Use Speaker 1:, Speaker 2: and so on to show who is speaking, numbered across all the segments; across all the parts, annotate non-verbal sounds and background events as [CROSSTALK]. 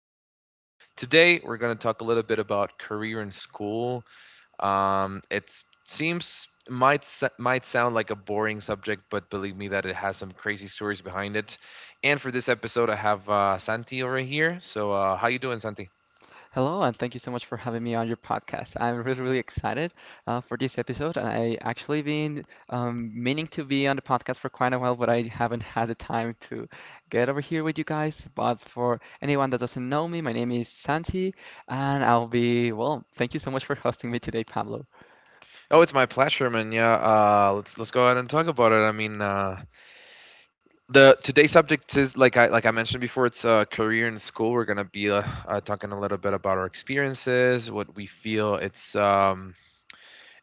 Speaker 1: today we're going to talk a little bit about career in school. It seems might sound like a boring subject, but believe me that it has some crazy stories behind it. And for this episode, I have Santi over here. So, how you doing, Santi?
Speaker 2: Hello, and thank you so much for having me on your podcast. I'm really, really excited for this episode, and I actually been meaning to be on the podcast for quite a while, but I haven't had the time to get over here with you guys. But for anyone that doesn't know me, my name is Santi, and I'll be, well, thank you so much for hosting me today, Pablo.
Speaker 1: Oh, it's my pleasure, man. Yeah, let's go ahead and talk about it. I mean, the today's subject is like I mentioned before. It's career in school. We're gonna be talking a little bit about our experiences, what we feel it's um,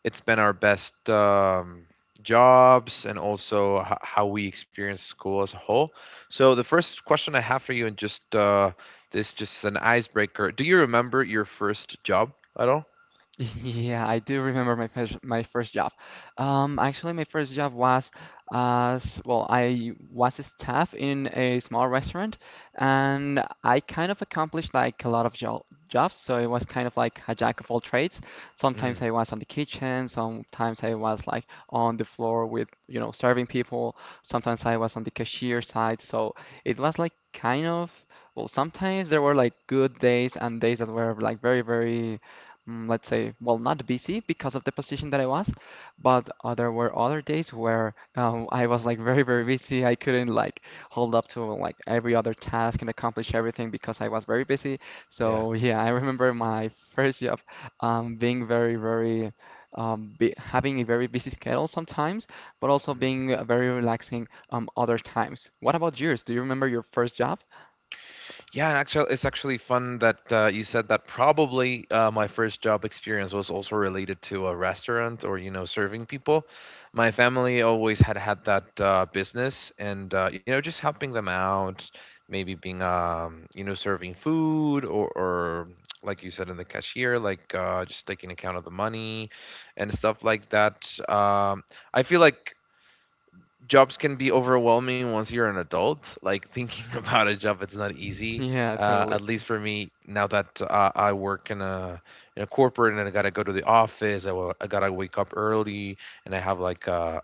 Speaker 1: it's been our best jobs, and also how we experience school as a whole. So the first question I have for you, and just this just is an icebreaker. Do you remember your first job at all?
Speaker 2: Yeah, I do remember my first job. Actually, my first job was as well. I was a staff in a small restaurant, and I kind of accomplished like a lot of jo jobs. So it was kind of like a jack of all trades. Sometimes
Speaker 1: Mm,
Speaker 2: I was on the kitchen. Sometimes I was like on the floor with serving people. Sometimes I was on the cashier side. So it was like kind of well. Sometimes there were like good days and days that were like very very let's say, well, not busy because of the position that I was, but there were other days where I was like very, very busy. I couldn't like hold up to like every other task and accomplish everything because I was very busy.
Speaker 1: yeah.
Speaker 2: So yeah, I remember my first job being very, very be having a very busy schedule sometimes, but also being very relaxing other times. What about yours? Do you remember your first job?
Speaker 1: Yeah, and actually, it's actually fun that you said that. Probably my first job experience was also related to a restaurant or serving people. My family always had that business, and just helping them out, maybe being serving food, or, like you said, in the cashier, like just taking account of the money and stuff like that. I feel like jobs can be overwhelming once you're an adult. Like thinking [LAUGHS] about a job, it's not
Speaker 2: [LAUGHS]
Speaker 1: easy.
Speaker 2: Yeah,
Speaker 1: Uh,
Speaker 2: totally.
Speaker 1: at least for me, now that I work in a corporate and I gotta go to the office, I gotta wake up early, and I have like a,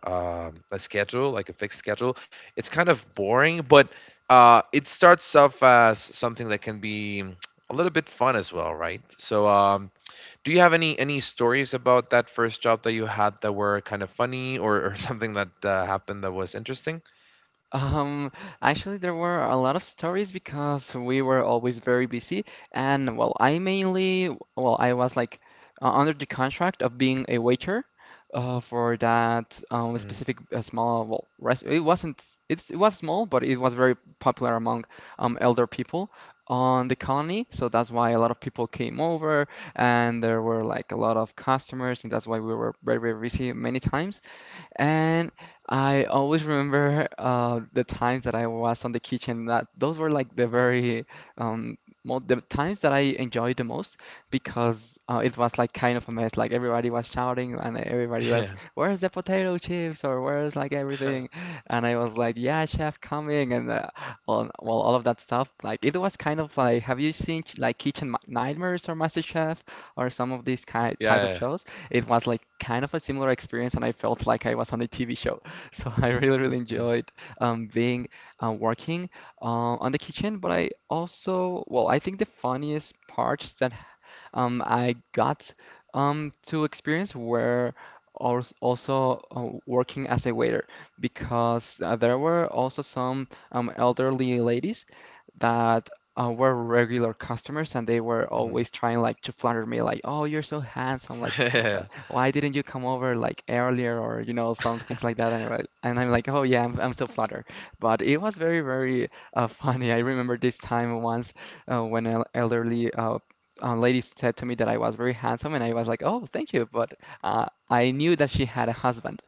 Speaker 1: um a schedule, like a fixed schedule. It's kind of boring, but it starts off as something that can be a little bit fun as well, right? So, do you have any stories about that first job that you had that were kind of funny or [LAUGHS] something that happened that was interesting?
Speaker 2: Um, actually, there were a lot of stories because we were always very busy, and well, I mainly, well, I was like under the contract of being a waiter for that
Speaker 1: Mm.
Speaker 2: specific small, well, rest it wasn't, it's, it was small, but it was very popular among elder people on the colony, so that's why a lot of people came over, and there were like a lot of customers, and that's why we were very, very busy many times. And I always remember the times that I was on the kitchen. That those were like the very um, mo the times that I enjoyed the most because it was like kind of a mess. Like everybody was shouting and everybody
Speaker 1: [LAUGHS]
Speaker 2: was,
Speaker 1: Yeah.
Speaker 2: "Where's the potato chips?" or "Where's like everything?"
Speaker 1: [LAUGHS]
Speaker 2: And I was like, "Yeah, chef, coming!" and all, well, all of that stuff. Like it was kind of like, have you seen like Kitchen Nightmares or MasterChef or some of these kind type of
Speaker 1: Yeah.
Speaker 2: shows? It was like kind of a similar experience, and I felt like I was on a TV show. [LAUGHS] So I really, really
Speaker 1: Yeah.
Speaker 2: enjoyed being working on the kitchen. But I also, well, I think the funniest parts that I got to experience where also working as a waiter because there were also some elderly ladies that were regular customers and they were
Speaker 1: Mhm,
Speaker 2: always trying like to flatter me like, oh, you're so handsome, like uh,
Speaker 1: mhm.
Speaker 2: why didn't you come over like earlier, or some things like that, and I'm like, oh yeah, I'm so flattered, but it was very very [LAUGHS] funny. I remember this time once when an elderly lady said to me that I was very handsome, and I was like, "Oh, thank you," but I knew that she had a husband,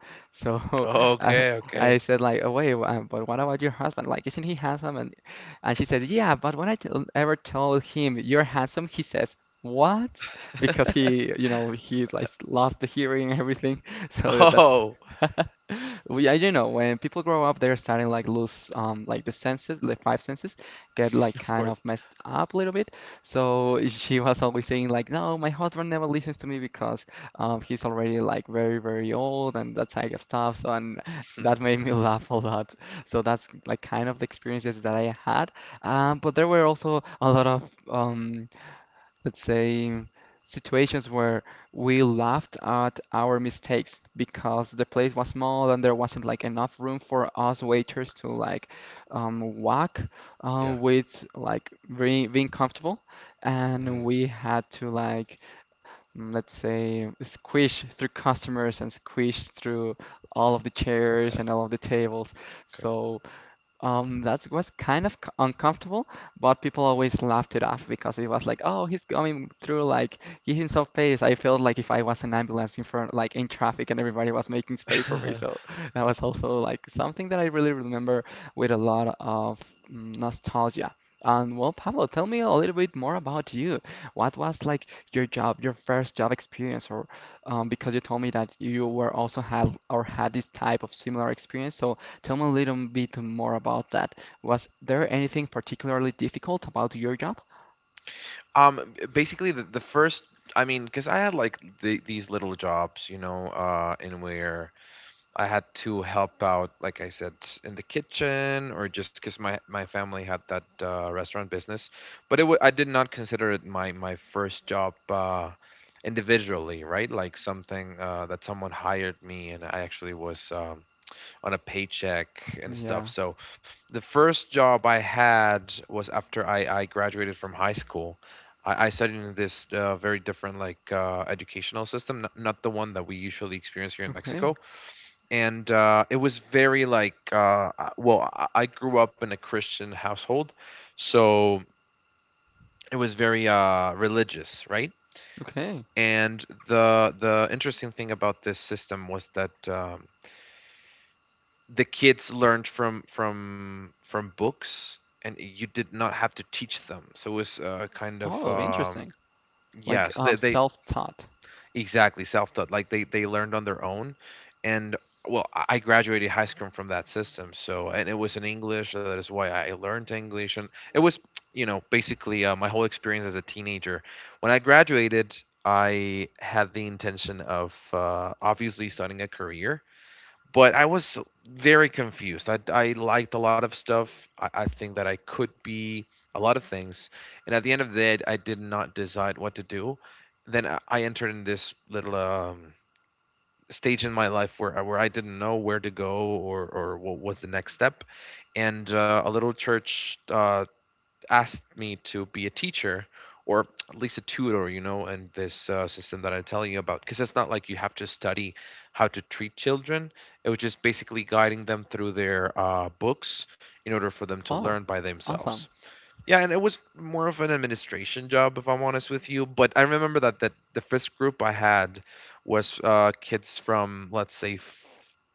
Speaker 1: [LAUGHS]
Speaker 2: so [LAUGHS] I,
Speaker 1: Okay,
Speaker 2: I
Speaker 1: okay.
Speaker 2: said like, oh, "Wait, but what about your husband? Like, isn't he handsome?" And she said, "Yeah, but when I tell ever tell him you're handsome, he says." What? [LAUGHS] Because he, you know, he like lost the hearing and everything. [LAUGHS] So that's,
Speaker 1: Oh,
Speaker 2: [LAUGHS] well, yeah, you know, when people grow up, they're starting like lose, like the senses, the five senses, get
Speaker 1: [LAUGHS]
Speaker 2: like
Speaker 1: of
Speaker 2: kind
Speaker 1: course.
Speaker 2: of messed up a little bit. So she was always saying like, no, my husband never listens to me because he's already like very, very old and that type of stuff. So and
Speaker 1: Mm,
Speaker 2: that made me [LAUGHS] laugh a lot. So that's like kind of the experiences that I had. But there were also a lot of let's say, situations where we laughed at our mistakes because the place was small and there wasn't like enough room for us waiters to like walk
Speaker 1: yeah.
Speaker 2: with like very, being comfortable.
Speaker 1: Mm,
Speaker 2: And we had to like, let's say, squish through customers and squish through all of the chairs
Speaker 1: okay,
Speaker 2: and all of the tables.
Speaker 1: okay.
Speaker 2: So that was kind of uncomfortable, but people always laughed it off because it was like, oh, he's coming through, like giving some space. I felt like if I was an ambulance in front, like in traffic, and everybody was making space for me.
Speaker 1: [LAUGHS]
Speaker 2: So [LAUGHS] that was also like something that I really remember with a lot of nostalgia. And well, Pablo, tell me a little bit more about you. What was like your job, your first job experience, or because you told me that you were also had or had this type of similar experience. So tell me a little bit more about that. Was there anything particularly difficult about your job?
Speaker 1: Basically, the first, I mean, because I had like these little jobs, in where I had to help out, like I said, in the kitchen, or just because my family had that restaurant business. But I did not consider it my first job individually, right? Like something that someone hired me and I actually was on a paycheck and stuff.
Speaker 2: Yeah.
Speaker 1: So the first job I had was after I graduated from high school. I studied in this very different, like, educational system, not the one that we usually experience here in
Speaker 2: Okay.
Speaker 1: Mexico, and it was very, like, well, I grew up in a Christian household, so it was very religious, right?
Speaker 2: Okay.
Speaker 1: And the interesting thing about this system was that the kids learned from books, and you did not have to teach them. So it was kind of,
Speaker 2: Oh, interesting. Like
Speaker 1: yes, they
Speaker 2: self-taught.
Speaker 1: exactly, self-taught. Like they learned on their own, and well, I graduated high school from that system. So, and it was in English. So that is why I learned English, and it was, basically my whole experience as a teenager. When I graduated, I had the intention of obviously starting a career, but I was very confused. I liked a lot of stuff. I think that I could be a lot of things. And at the end of the day, I did not decide what to do. Then I entered in this little stage in my life where I didn't know where to go, or what was the next step. And a little church asked me to be a teacher, or at least a tutor, in this system that I'm telling you about. Because it's not like you have to study how to treat children. It was just basically guiding them through their books in order for them to
Speaker 2: Oh,
Speaker 1: learn by themselves.
Speaker 2: awesome.
Speaker 1: Yeah, and it was more of an administration job, if I'm honest with you. But I remember that the first group I had was kids from, let's say,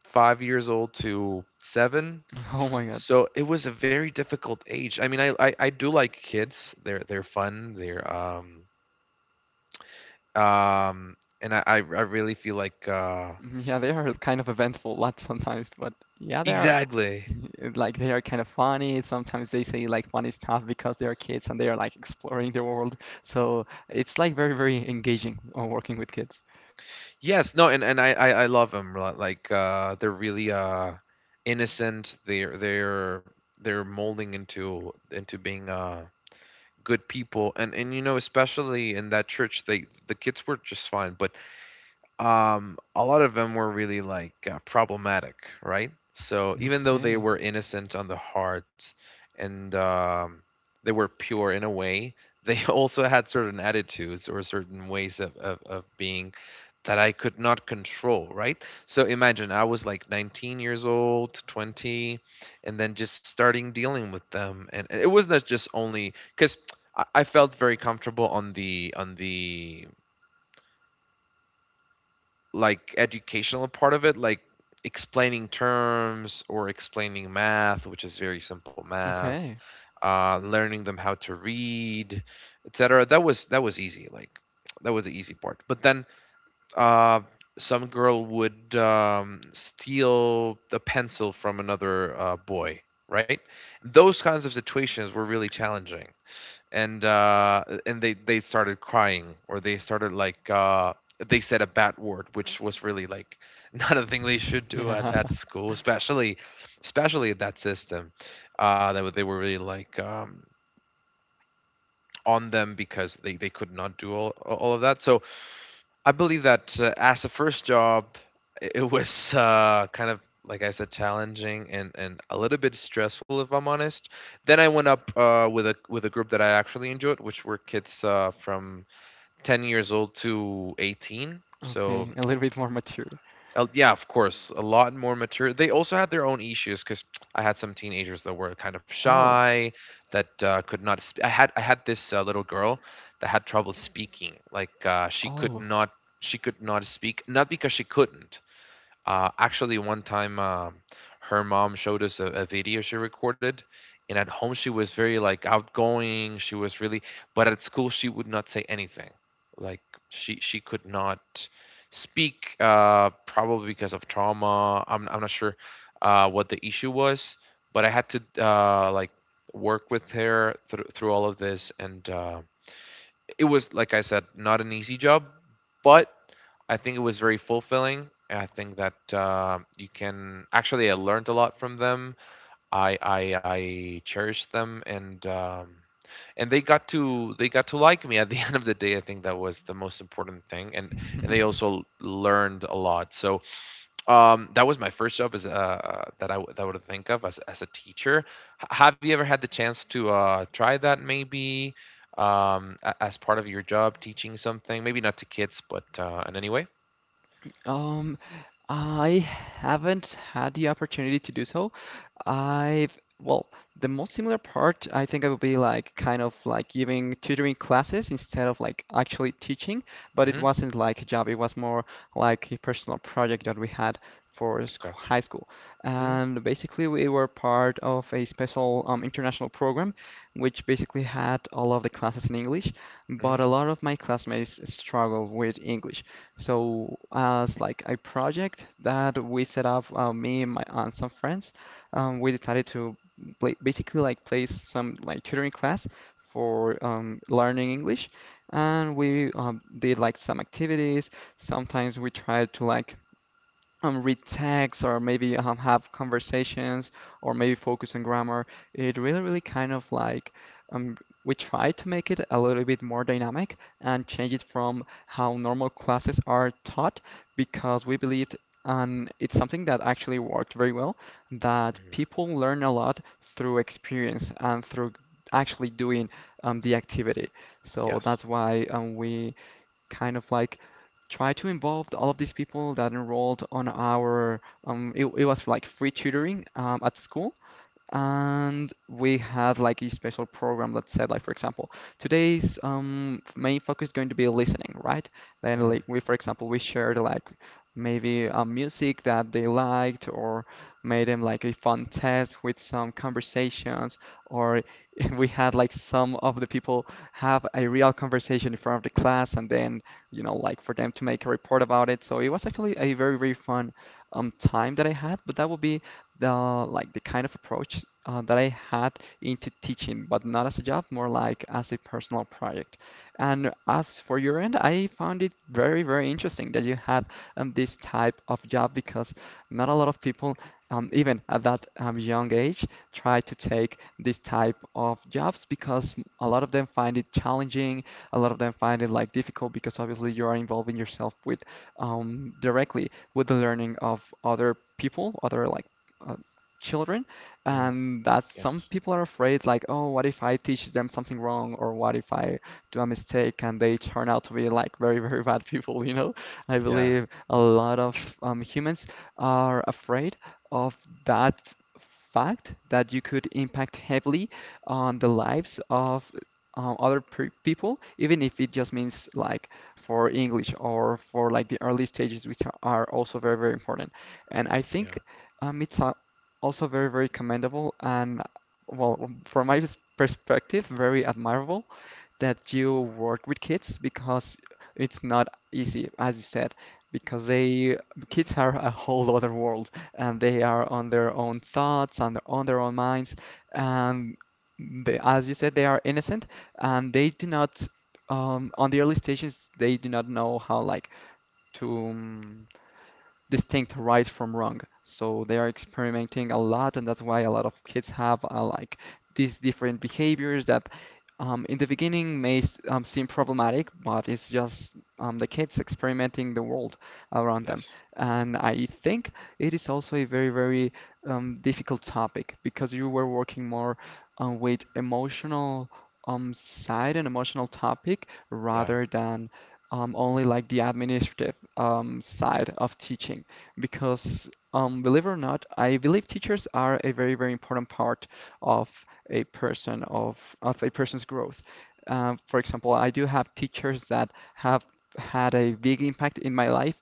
Speaker 1: 5 years old to 7,
Speaker 2: [LAUGHS] Oh my God.
Speaker 1: so it was a very difficult age. I mean, I do like kids. They're fun. They're, um and I really feel like,
Speaker 2: Yeah, they are kind of eventful lots sometimes, but yeah, they are
Speaker 1: exactly.
Speaker 2: [LAUGHS] like they are kind of funny. Sometimes they say like funny stuff because they are kids and they are like exploring the world. So it's like very, very engaging working with kids.
Speaker 1: Yes, no, and I love them. Like, they're really, innocent. They're molding into being good people, and especially in that church, the kids were just fine, but a lot of them were really, like, problematic, right? So even though they
Speaker 2: Okay.
Speaker 1: were innocent on the heart, and they were pure in a way, they [LAUGHS] also had certain attitudes or certain ways of being that I could not control, right? So imagine I was like 19 years old, 20, and then just starting dealing with them. And it was not just only because I felt very comfortable on the, like, educational part of it, like explaining terms or explaining math, which is very simple math,
Speaker 2: Okay.
Speaker 1: learning them how to read, etc. That was easy. Like that was the easy part. But then uh, some girl would steal the pencil from another boy. Right? Those kinds of situations were really challenging, and they started crying, or they started like they said a bad word, which was really, like, [LAUGHS] not a thing they should
Speaker 2: [LAUGHS]
Speaker 1: do at,
Speaker 2: Yeah.
Speaker 1: at school, especially, at that system. They were really, like, on them, because they could not do all of that, so I believe that, as a first job, it was, kind of, like I said, challenging, and a little bit stressful, if I'm honest. Then I went up, with a group that I actually enjoyed, which were kids, from 10 years old to 18. So,
Speaker 2: Okay, a little bit more mature.
Speaker 1: yeah, of course, a lot more mature. They also had their own issues because I had some teenagers that were kind of
Speaker 2: Oh,
Speaker 1: shy, that could not. I had this little girl that had trouble speaking. Like, she could
Speaker 2: oh.
Speaker 1: not she could not speak, not because she couldn't. Actually, one time, her mom showed us a video she recorded, and at home she was very, like, outgoing. She was really, but at school she would not say anything. Like, she could not speak, probably because of trauma. I'm not sure what the issue was, but I had to, like, work with her through all of this, and, it was, like I said, not an easy job, but I think it was very fulfilling. And I think that, you can actually I learned a lot from them. I cherished them, and they got to like me at the [LAUGHS] end of the day. I think that was the most important thing, and they
Speaker 2: [LAUGHS]
Speaker 1: also learned a lot. So, that was my first job as that I w- that I would think of as a teacher. Have you ever had the chance to, try that maybe? As part of your job, teaching something, maybe not to kids, but in any way?
Speaker 2: Um, I haven't had the opportunity to do so. Well, the most similar part I think I would be like kind of like giving tutoring classes instead of like actually teaching, but it
Speaker 1: Hmm.
Speaker 2: wasn't like a job, it was more like a personal project that we had for high school.
Speaker 1: Mm,
Speaker 2: And basically, we were part of a special international program, which basically had all of the classes in English,
Speaker 1: mm,
Speaker 2: but a lot of my classmates struggled with English. So as like a project that we set up, me and some friends, we decided to pla basically like place some like tutoring class for learning English, and we did like some activities. Sometimes we tried to like read text or maybe have conversations or maybe focus on grammar. It really, really kind of like um, we try to make it a little bit more dynamic and change it from how normal classes are taught because we believed, and it's something that actually worked very well, that
Speaker 1: mm.
Speaker 2: people learn a lot through experience and through actually doing the activity. So
Speaker 1: Yes.
Speaker 2: that's why we kind of like try to involve all of these people that enrolled on our it was like free tutoring at school, and we had like a special program that said like, for example, today's main focus is going to be listening, right? Then
Speaker 1: Mm,
Speaker 2: like we, for example, we shared like maybe music that they liked or made them like a fun test with some conversations, or [LAUGHS] we had like some of the people have a real conversation in front of the class and then, you know, like for them to make a report about it. So it was actually a very very fun time that I had, but that would be the like the kind of approach that I had into teaching, but not as a job, more like as a personal project. And as for your end, I found it very, very interesting that you had this type of job because not a lot of people, even at that young age, try to take this type of jobs because a lot of them find it challenging, a lot of them find it like difficult because obviously you are involving yourself with directly with the learning of other people, other like uh, children,
Speaker 1: mm.
Speaker 2: and that some
Speaker 1: Yes.
Speaker 2: people are afraid, like, oh, what if I teach them something wrong, or what if I do a mistake and they turn out to be like very, very [LAUGHS] bad people, you know? I
Speaker 1: Yeah.
Speaker 2: believe a lot of humans are afraid of that fact that you could impact heavily on the lives of other pe people, even if it just means like for English or for like the early stages, which are also very, very important. And I think
Speaker 1: Yeah.
Speaker 2: it's also very, very commendable and, well, from my perspective, very admirable that you work with kids because it's not easy, as you said, because they kids are a whole [LAUGHS] other world and they are on their own thoughts and on their own minds and they, as you said, they are innocent and they do not on the early stages they do not know how like to. Distinct right from wrong. So they are experimenting a lot, and that's why a lot of kids have like these different behaviors that in the beginning seem problematic, but it's just the kids experimenting the world around them.
Speaker 1: Yes.
Speaker 2: And I think it is also a very, very difficult topic because you were working more with emotional side and emotional topic
Speaker 1: Yeah.
Speaker 2: rather than only like the administrative side of teaching because believe it or not, I believe teachers are a very, very important part of a person of a person's growth. For example, I do have teachers that have had a big impact in my life,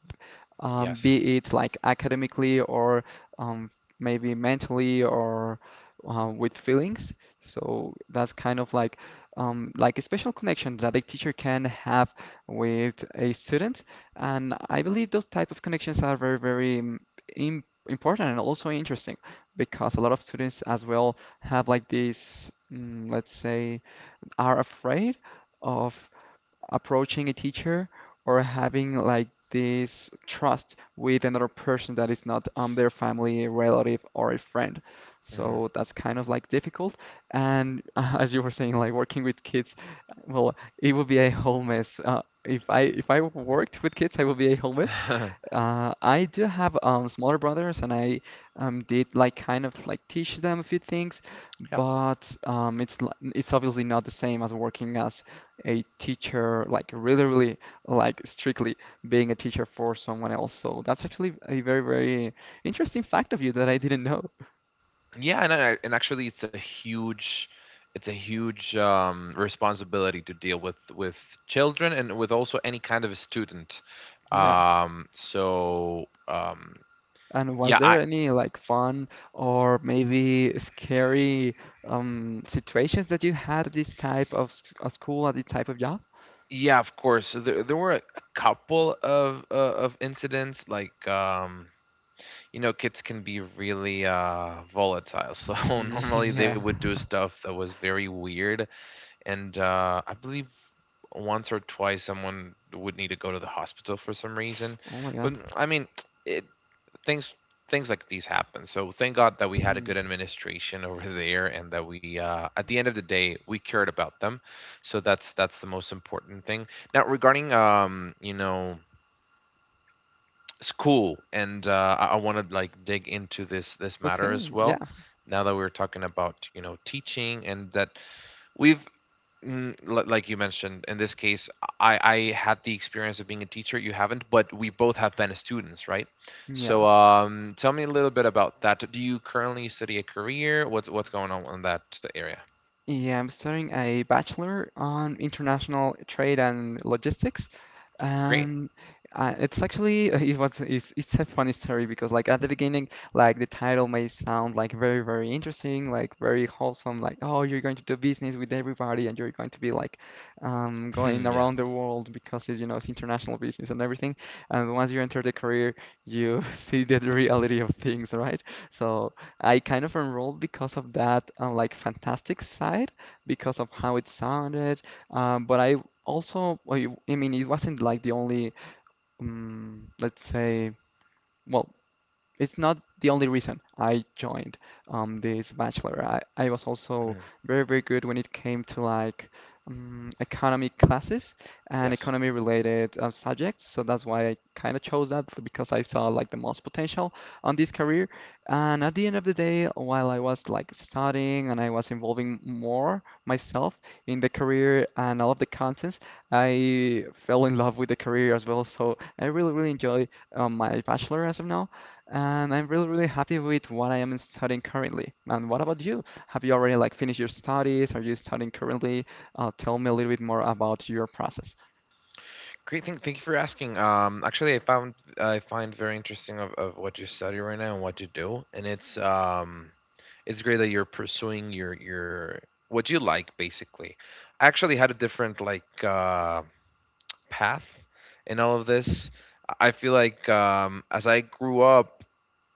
Speaker 1: Yes.
Speaker 2: be it like academically or um, maybe mentally or with feelings. So that's kind of like a special connection that a teacher can have with a student. And I believe those type of connections are very, very im important and also interesting because a lot of students as well have like this, let's say, are afraid of approaching a teacher or having like this trust with another person that is not their family, relative, or a friend.
Speaker 1: Mm.
Speaker 2: So that's kind of like difficult. And [LAUGHS] as you were saying, like working with kids, well, it would be a whole mess. If I worked with kids, I would be a whole mess.
Speaker 1: [LAUGHS]
Speaker 2: I do have smaller brothers, and I did like kind of like teach them a few things,
Speaker 1: Yeah.
Speaker 2: but it's obviously not the same as working as a teacher, like really, really, like strictly being a teacher for someone else. So that's actually a very, very interesting fact of you that I didn't know.
Speaker 1: Yeah, and, actually, it's a huge, responsibility to deal with children, and with also any kind of a student.
Speaker 2: Yeah.
Speaker 1: Um, so um,
Speaker 2: And was
Speaker 1: yeah,
Speaker 2: there
Speaker 1: I
Speaker 2: any like fun or maybe scary situations that you had at this type of school, at this type of job?
Speaker 1: yeah, of course, there were a couple of incidents, like, kids can be really, volatile. So [LAUGHS]
Speaker 2: [LAUGHS]
Speaker 1: normally they
Speaker 2: Yeah.
Speaker 1: would do
Speaker 2: [LAUGHS]
Speaker 1: stuff that was very weird. And I believe once or twice someone would need to go to the hospital for some reason.
Speaker 2: Oh my
Speaker 1: But
Speaker 2: God.
Speaker 1: I mean, it things things like these happen. So thank God that we had a
Speaker 2: Hmm.
Speaker 1: good administration [LAUGHS] over there, and that, we at the end of the day, we cared about them. So that's the most important thing. Now regarding it's cool and I want to like dig into this matter as
Speaker 2: Okay. Yeah.
Speaker 1: well now that we're talking about teaching and that we've like you mentioned in this case I had the experience of being a teacher. You haven't, but we both have been students, right?
Speaker 2: Yeah.
Speaker 1: So tell me a little bit about that. Do you currently study a career? What's going on in that area?
Speaker 2: Yeah, I'm studying a bachelor on international trade and logistics,
Speaker 1: Great.
Speaker 2: and it's actually [LAUGHS] it's a funny story because like at the beginning, like the title may sound like very very interesting, like very wholesome, like oh you're going to do business with everybody and you're going to be like going
Speaker 1: [CLEARS THROAT] Yeah.
Speaker 2: around the world because it's, you know it's international business and everything. And once you enter the career, you [LAUGHS] see the reality of things, right? So I kind of enrolled because of that, like fantastic side, because of how it sounded. But I also, I mean, it wasn't like the only, let's say, well, it's not the only reason I joined this bachelor. I was also
Speaker 1: Mm.
Speaker 2: very, very good when it came to like economy classes and
Speaker 1: Yes.
Speaker 2: economy related subjects. So that's why I kind of chose that because I saw like the most potential on this career. And at the end of the day, while I was like studying and I was involving more myself in the career and all of the contents, I fell in love with the career as well. So I really, really enjoy my bachelor as of now and I'm really, really happy with what I am studying currently. And what about you? Have you already like finished your studies? Are you studying currently? Tell me a little bit more about your process.
Speaker 1: Great thing, thank you for asking. Actually, I find very interesting of what you study right now and what you do, and it's great that you're pursuing your what you like, basically. I actually had a different like path in all of this. I feel like as I grew up,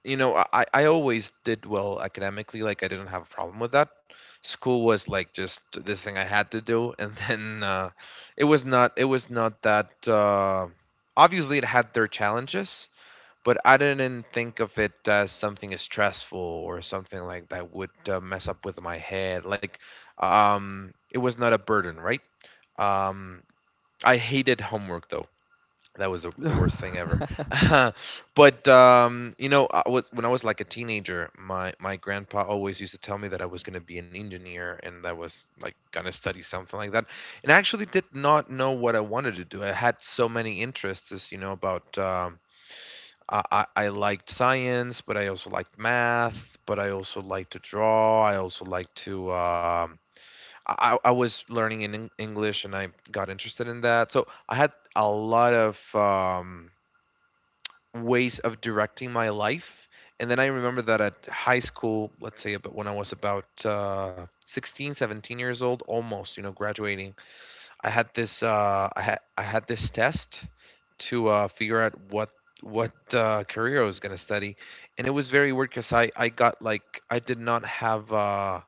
Speaker 1: you know, I always did well academically. Like I didn't have a problem with that. School was like just this thing I had to do, and [LAUGHS] then it was not that obviously it had their challenges, but I didn't think of it as something as stressful or something like that would mess up with my head. Like it was not a burden, right? um I hated homework, though. That was the worst thing ever.
Speaker 2: [LAUGHS]
Speaker 1: [LAUGHS] But, you know, I was when I was, like, a teenager, my grandpa always used to tell me that I was gonna be an engineer and that I was, like, gonna study something like that, and I actually did not know what I wanted to do. I had so many interests, you know, about, I liked science, but I also liked math, but I also liked to draw. I also liked to, I was learning in English, and I got interested in that. So I had a lot of, ways of directing my life. And then I remember that at high school, let's say, but when I was about 16, 17 years old, almost, you know, graduating, I had this I had this test to figure out what career I was going to study. And it was very weird because I got like I did not have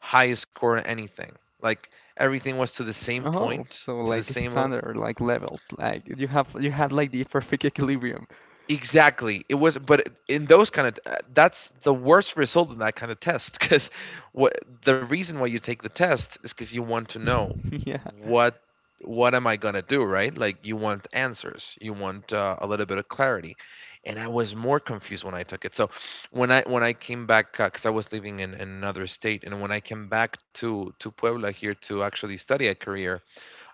Speaker 1: highest score in anything. Like everything was to the same
Speaker 2: Oh,
Speaker 1: point,
Speaker 2: so
Speaker 1: to the
Speaker 2: like
Speaker 1: same level.
Speaker 2: standard, like leveled, like you had like the perfect equilibrium. [LAUGHS]
Speaker 1: Exactly. It was, but in those kind of that's the worst result in that kind of test because what the reason why you take the test is because you want to know
Speaker 2: Yeah.
Speaker 1: what what am I gonna do, right? Like you want answers, you want a little bit of clarity, and I was more confused when I took it. So when I came back, because I was living in another state, and when I came back to Puebla here to actually study a career,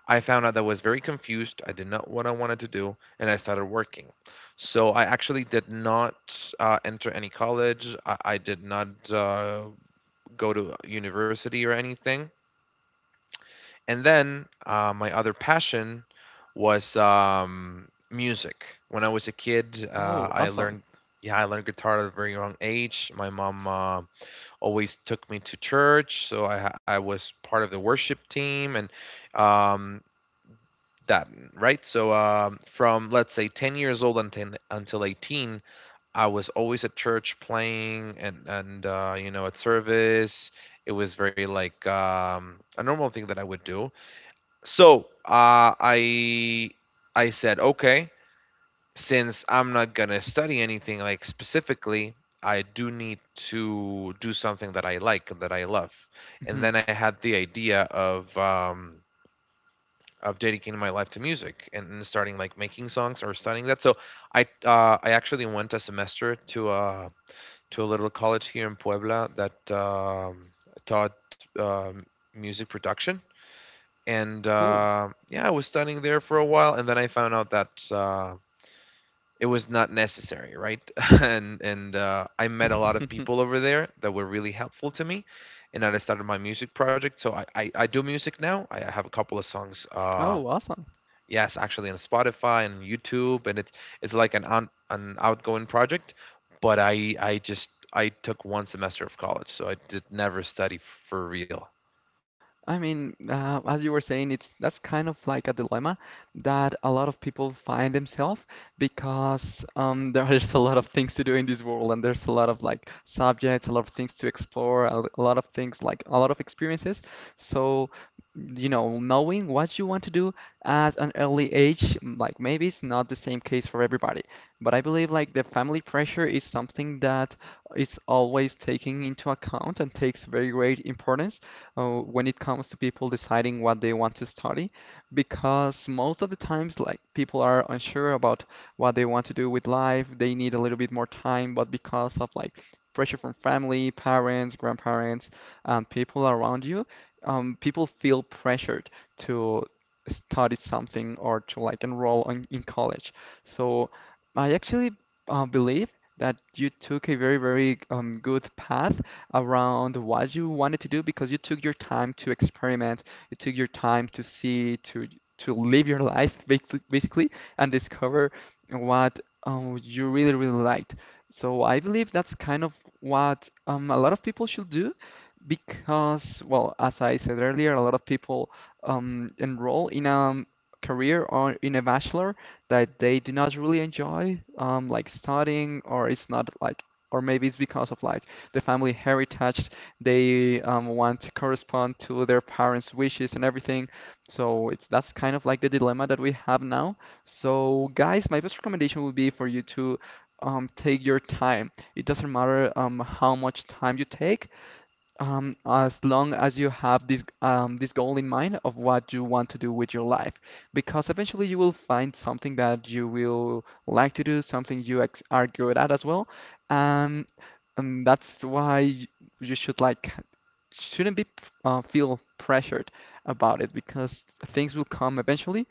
Speaker 1: I found out that I was very confused. I did not what I wanted to do, and I started working. So I actually did not enter any college. I did not go to university or anything. And then my other passion was music. When I was a kid,
Speaker 2: Oh,
Speaker 1: I
Speaker 2: awesome.
Speaker 1: learned. Yeah, I learned guitar at a very young age. My mom always took me to church, so I was part of the worship team, and um, that right. So from, let's say, 10 years old until 18, I was always at church playing, and you know, at service. It was very like a normal thing that I would do. So I I said, okay, since I'm not gonna study anything like specifically, I do need to do something that I like and that I love. And
Speaker 2: Mhm.
Speaker 1: then I had the idea of dedicating my life to music, and starting like making songs or studying that. So I actually went a semester to a little college here in Puebla that taught um music production, and
Speaker 2: Cool.
Speaker 1: yeah, I was studying there for a while, and then I found out that it was not necessary, right? [LAUGHS] And I met a lot of people
Speaker 2: [LAUGHS]
Speaker 1: over there that were really helpful to me, and then I started my music project. So I do music now. I have a couple of songs
Speaker 2: Oh, awesome.
Speaker 1: yes, actually, on Spotify and YouTube, and it's like an outgoing project. But I just I took one semester of college, so I did never study for real.
Speaker 2: I mean, as you were saying, it's that's kind of like a dilemma that a lot of people find themselves because [LAUGHS] there's a lot of things to do in this world, and there's a lot of like subjects, a lot of things to explore, a lot of things like a lot of experiences. So, you know, knowing what you want to do at an early age, like maybe it's not the same case for everybody, but I believe like the family pressure is something that is always taken into account and takes very great importance when it comes to people deciding what they want to study, because most of the times, like people are unsure about what they want to do with life. They need a little bit more time, but because of like pressure from family, parents, grandparents, people around you, people feel pressured to study something or to like in college. So I actually believe that you took a very, very good path around what you wanted to do because you took your time to experiment, you took your time to see, to live your life basically, and discover what you really really liked. So I believe that's kind of what a lot of people should do because, well, as I said earlier, a lot of people enroll in a career or in a bachelor that they do not really enjoy, like studying, or it's not like, or maybe it's because of like the family heritage. They want to correspond to their parents' wishes and everything. So it's that's kind of like the dilemma that we have now. So guys, my best recommendation would be for you to take your time. It doesn't matter how much time you take. As long as you have this this goal in mind of what you want to do with your life, because eventually you will find something that you will like to do, something you ex are good at as well. Um, and that's why you shouldn't be feel pressured about it because things will come eventually.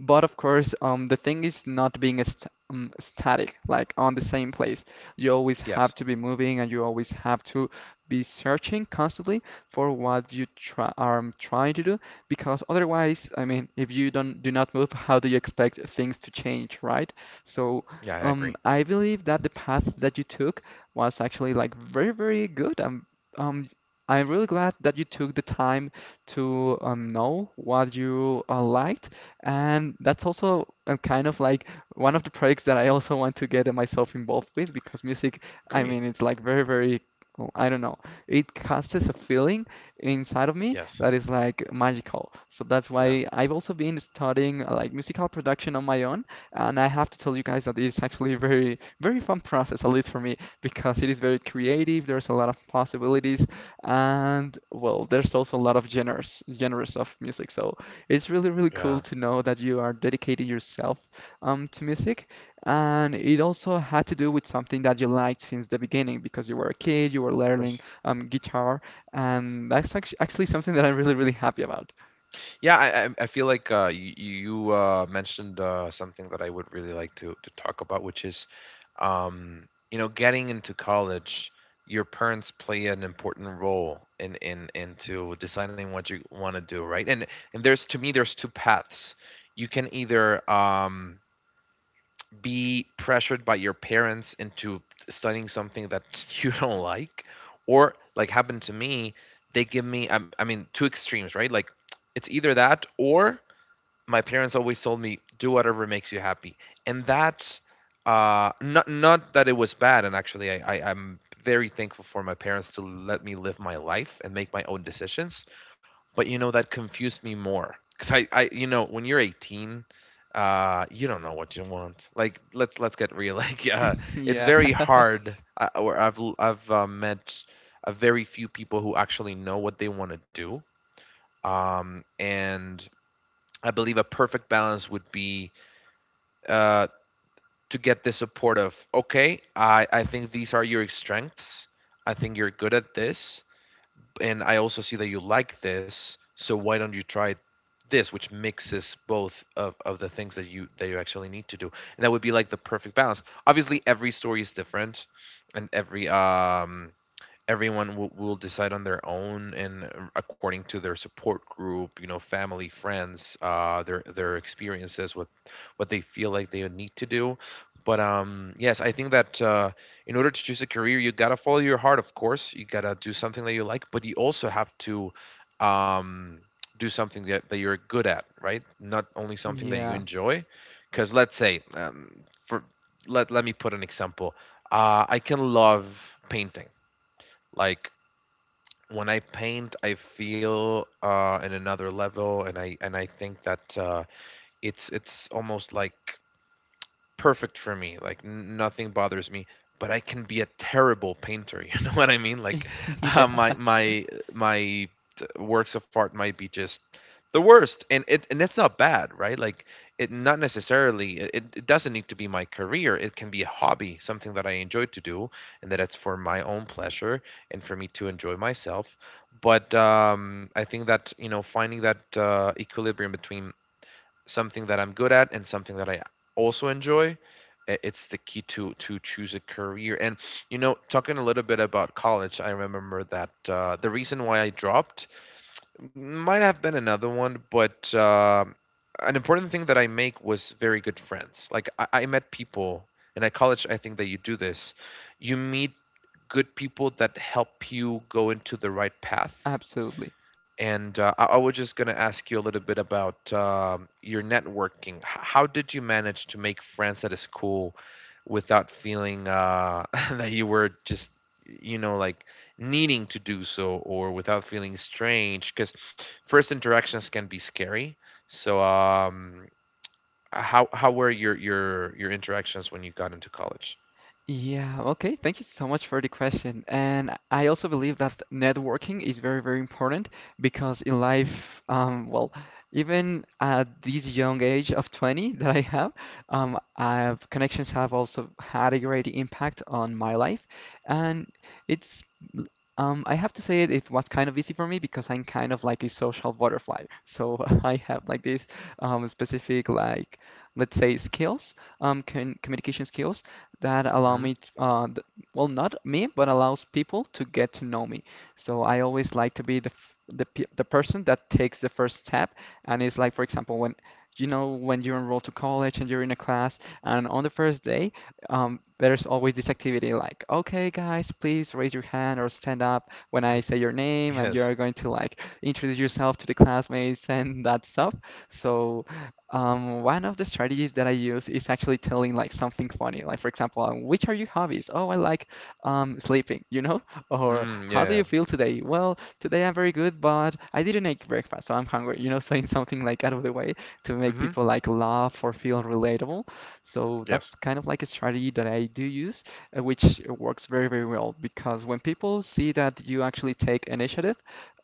Speaker 2: But of course, the thing is not being a st static, like on the same place. You always have
Speaker 1: Yes.
Speaker 2: to be moving and you always have to be searching constantly for what you try are trying to do because otherwise, I mean, if you don't do not move, how do you expect things to change, right? So,
Speaker 1: Yeah, I agree.
Speaker 2: I believe that the path that you took was actually like very, very good. Um, I'm really glad that you took the time to know what you liked, and that's also kind of like one of the projects that I also want to get myself involved with because music, I
Speaker 1: Great.
Speaker 2: mean, it's like very, very, oh, I don't know, it casts a feeling inside of me
Speaker 1: Yes.
Speaker 2: that is like magical. So that's
Speaker 1: Yeah.
Speaker 2: why I've also been studying like musical production on my own, and I have to tell you guys that it's actually a very, very fun process, at least for me, because it is very creative. There's a lot of possibilities and well, there's also a lot of genres of music, so it's really really
Speaker 1: Yeah.
Speaker 2: cool
Speaker 1: Of
Speaker 2: to know that you are dedicating yourself to music. And it also had to do with something that you liked since the beginning because you were a kid, you were learning
Speaker 1: course.
Speaker 2: guitar, and that's actually something that I'm really really happy about.
Speaker 1: Yeah, I feel like you mentioned something that I would really like to talk about, which is, you know, getting into college. Your parents play an important role in into deciding what you want to do, right? And there's, to me, there's two paths. You can either be pressured by your parents into studying something that [LAUGHS] you don't like, or, like happened to me, they give me I mean, two extremes, right? Like it's either that or my parents always told me do whatever makes you happy. And that not that it was bad, and actually, I'm very thankful for my parents to let me live my life and make my own decisions. But you know, that confused me more, because I you know, when you're 18, you don't know what you want. Like let's get real. [LAUGHS] Like
Speaker 2: [LAUGHS]
Speaker 1: it's
Speaker 2: Yeah,
Speaker 1: very
Speaker 2: [LAUGHS]
Speaker 1: hard. I, or I've l- I've met a very few people who actually know what they want to do. And I believe a perfect balance would be uh, to get the support of, okay, I think these are your strengths. I think you're good at this, and I also see that you like this. So why don't you try this, which mixes both of the things that you actually need to do, and that would be like the perfect balance. Obviously, every story is different, and every everyone will decide on their own and according to their support group, you know, family, friends, their experiences with what they feel like they need to do. But yes, I think that in order to choose a career, you gotta follow your heart. Of course, you gotta do something that you like, but you also have to um do something that you're good at, right? Not only something that you
Speaker 2: yeah,
Speaker 1: enjoy. Because let's say for let me put an example. I can love painting. Like when I paint, I feel in another level, and I think that it's almost like perfect for me. Like nothing bothers me, but I can be a terrible painter. [LAUGHS] You know what I mean? Like
Speaker 2: [LAUGHS] yeah,
Speaker 1: uh, my my my works of art might be just the worst, and it and that's not bad, right? Like it not necessarily. It doesn't need to be my career. It can be a hobby, something that I enjoy to do, and that it's for my own pleasure and for me to enjoy myself. But I think that, you know, finding that equilibrium between something that I'm good at and something that I also enjoy, it's the key to choose a career. And you know, talking a little bit about college, I remember that the reason why I dropped might have been another one, but an important thing that I make was very good friends. Like I met people, and at college, I think that you do this. You meet good people that help you go into the right path,
Speaker 2: absolutely.
Speaker 1: and I was just going to ask you a little bit about your networking. How did you manage to make friends at a school without feeling [LAUGHS] that you were just, you know, like needing to do so, or without feeling strange? Because first interactions can be scary. So, how were your interactions when you got into college?
Speaker 2: Yeah, okay. Thank you so much for the question. And I also believe that networking is very, very important because in life, well, even at this young age of 20 that I have, connections have also had a great impact on my life. And it's, I have to say it, it was kind of easy for me because I'm kind of like a social butterfly. So [LAUGHS] I have like this specific, like, let's say, skills con communication skills that allow
Speaker 1: Mm?
Speaker 2: me t th well, not me, but allows people to get to know me. So I always like to be the person that takes the first step, and it's like, for example, when you know when you enroll to college and you're in a class, and on the first day, there's always this activity like, okay, guys, please raise your hand or stand up when I say your name, and
Speaker 1: Yes.
Speaker 2: you're going to like introduce yourself to the classmates and that stuff. So one of the strategies that I use is actually telling like something funny. Like for example, which are your hobbies? Oh, I like sleeping, you know? [LAUGHS] Or
Speaker 1: Mm,
Speaker 2: how do you
Speaker 1: yeah.
Speaker 2: feel today? Well, today I'm very good, but I didn't make breakfast, so I'm hungry, you know? [LAUGHS] Saying something like out of the way to make
Speaker 1: Mm-hmm.
Speaker 2: people like laugh or feel relatable. So
Speaker 1: Yes.
Speaker 2: that's kind of like a strategy that I do use, which works very, very well because when people see that you actually take initiative,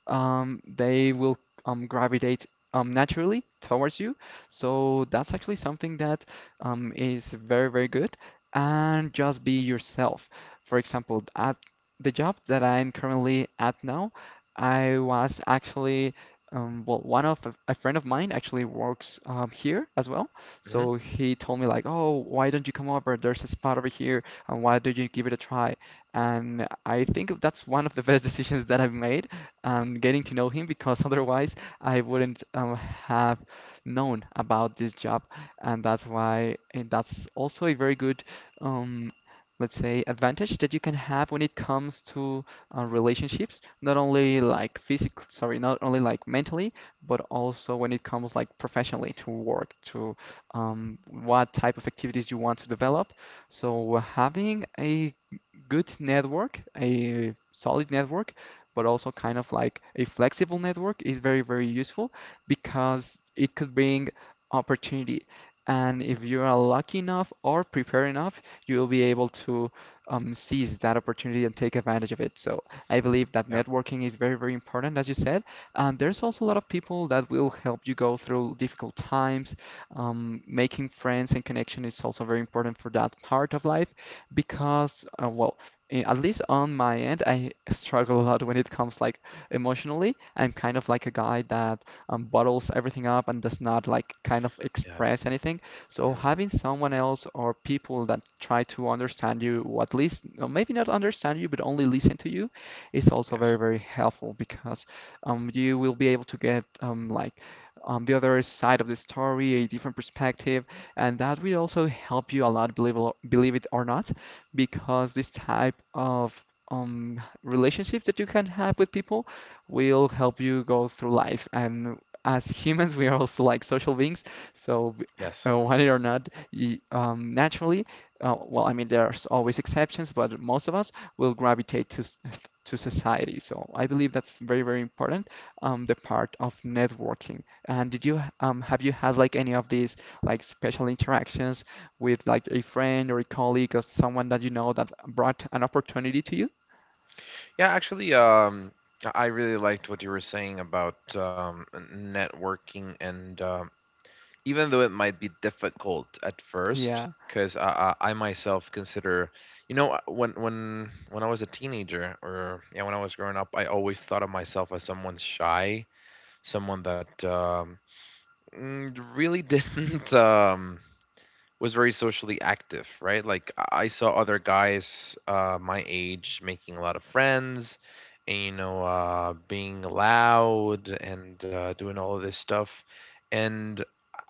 Speaker 2: they will gravitate naturally towards you, so that's actually something that is very, very good. And just be yourself. For example, at the job that I'm currently at now, I was actually, well, one of a friend of mine actually works here as well.
Speaker 1: Mm-hmm.
Speaker 2: So he told me like, oh, why don't you come over? There's a spot over here, and why don't you give it a try? And I think that's one of the best [LAUGHS] decisions that I've made, getting to know him because [LAUGHS] otherwise I wouldn't have known about this job, and that's also a very good, um, let's say, advantage that you can have when it comes to relationships, not only like physical, sorry, not only like mentally, but also when it comes like professionally to work, to what type of activities you want to develop. So having a good network, a solid network, but also kind of like a flexible network is very, very useful because it could bring opportunity. And if you are lucky enough or prepared enough, you will be able to seize that opportunity and take advantage of it. So I believe that
Speaker 1: Yeah.
Speaker 2: networking is very, very important, as you said. And there's also a lot of people that will help you go through difficult times. Making friends and connection is also very important for that part of life because, well, at least on my end, I struggle a lot when it comes like emotionally. I'm kind of like a guy that bottles everything up and does not like kind of
Speaker 1: Yeah.
Speaker 2: express anything. So
Speaker 1: Mm-hmm.
Speaker 2: having someone else or people that try to understand you, or at least or maybe not understand you, but only listen to you, is also
Speaker 1: Yes.
Speaker 2: very, very helpful because you will be able to get like the other side of the story, a different perspective, and that will also help you a lot, believe it or not, because this type of relationship that you can have with people will help you go through life, and as humans, we are also like social beings. So,
Speaker 1: Yes.
Speaker 2: want it or not, y naturally, well, I mean, there's always exceptions, but most of us will gravitate to to society. So, I believe that's very, very important, the part of networking. And have you had like any of these like special interactions with like a friend or a colleague or someone that you know that brought an opportunity to you?
Speaker 1: Yeah, actually, I really liked what you were saying about networking, and even though it might be difficult at first,
Speaker 2: Yeah,
Speaker 1: because I myself consider, you know, when I was a teenager, or yeah, when I was growing up, I always thought of myself as someone shy, someone that mm, really [LAUGHS] didn't. Was very socially active, right? Like I saw other guys my age making a lot of friends, and you know, being loud and doing all of this stuff, and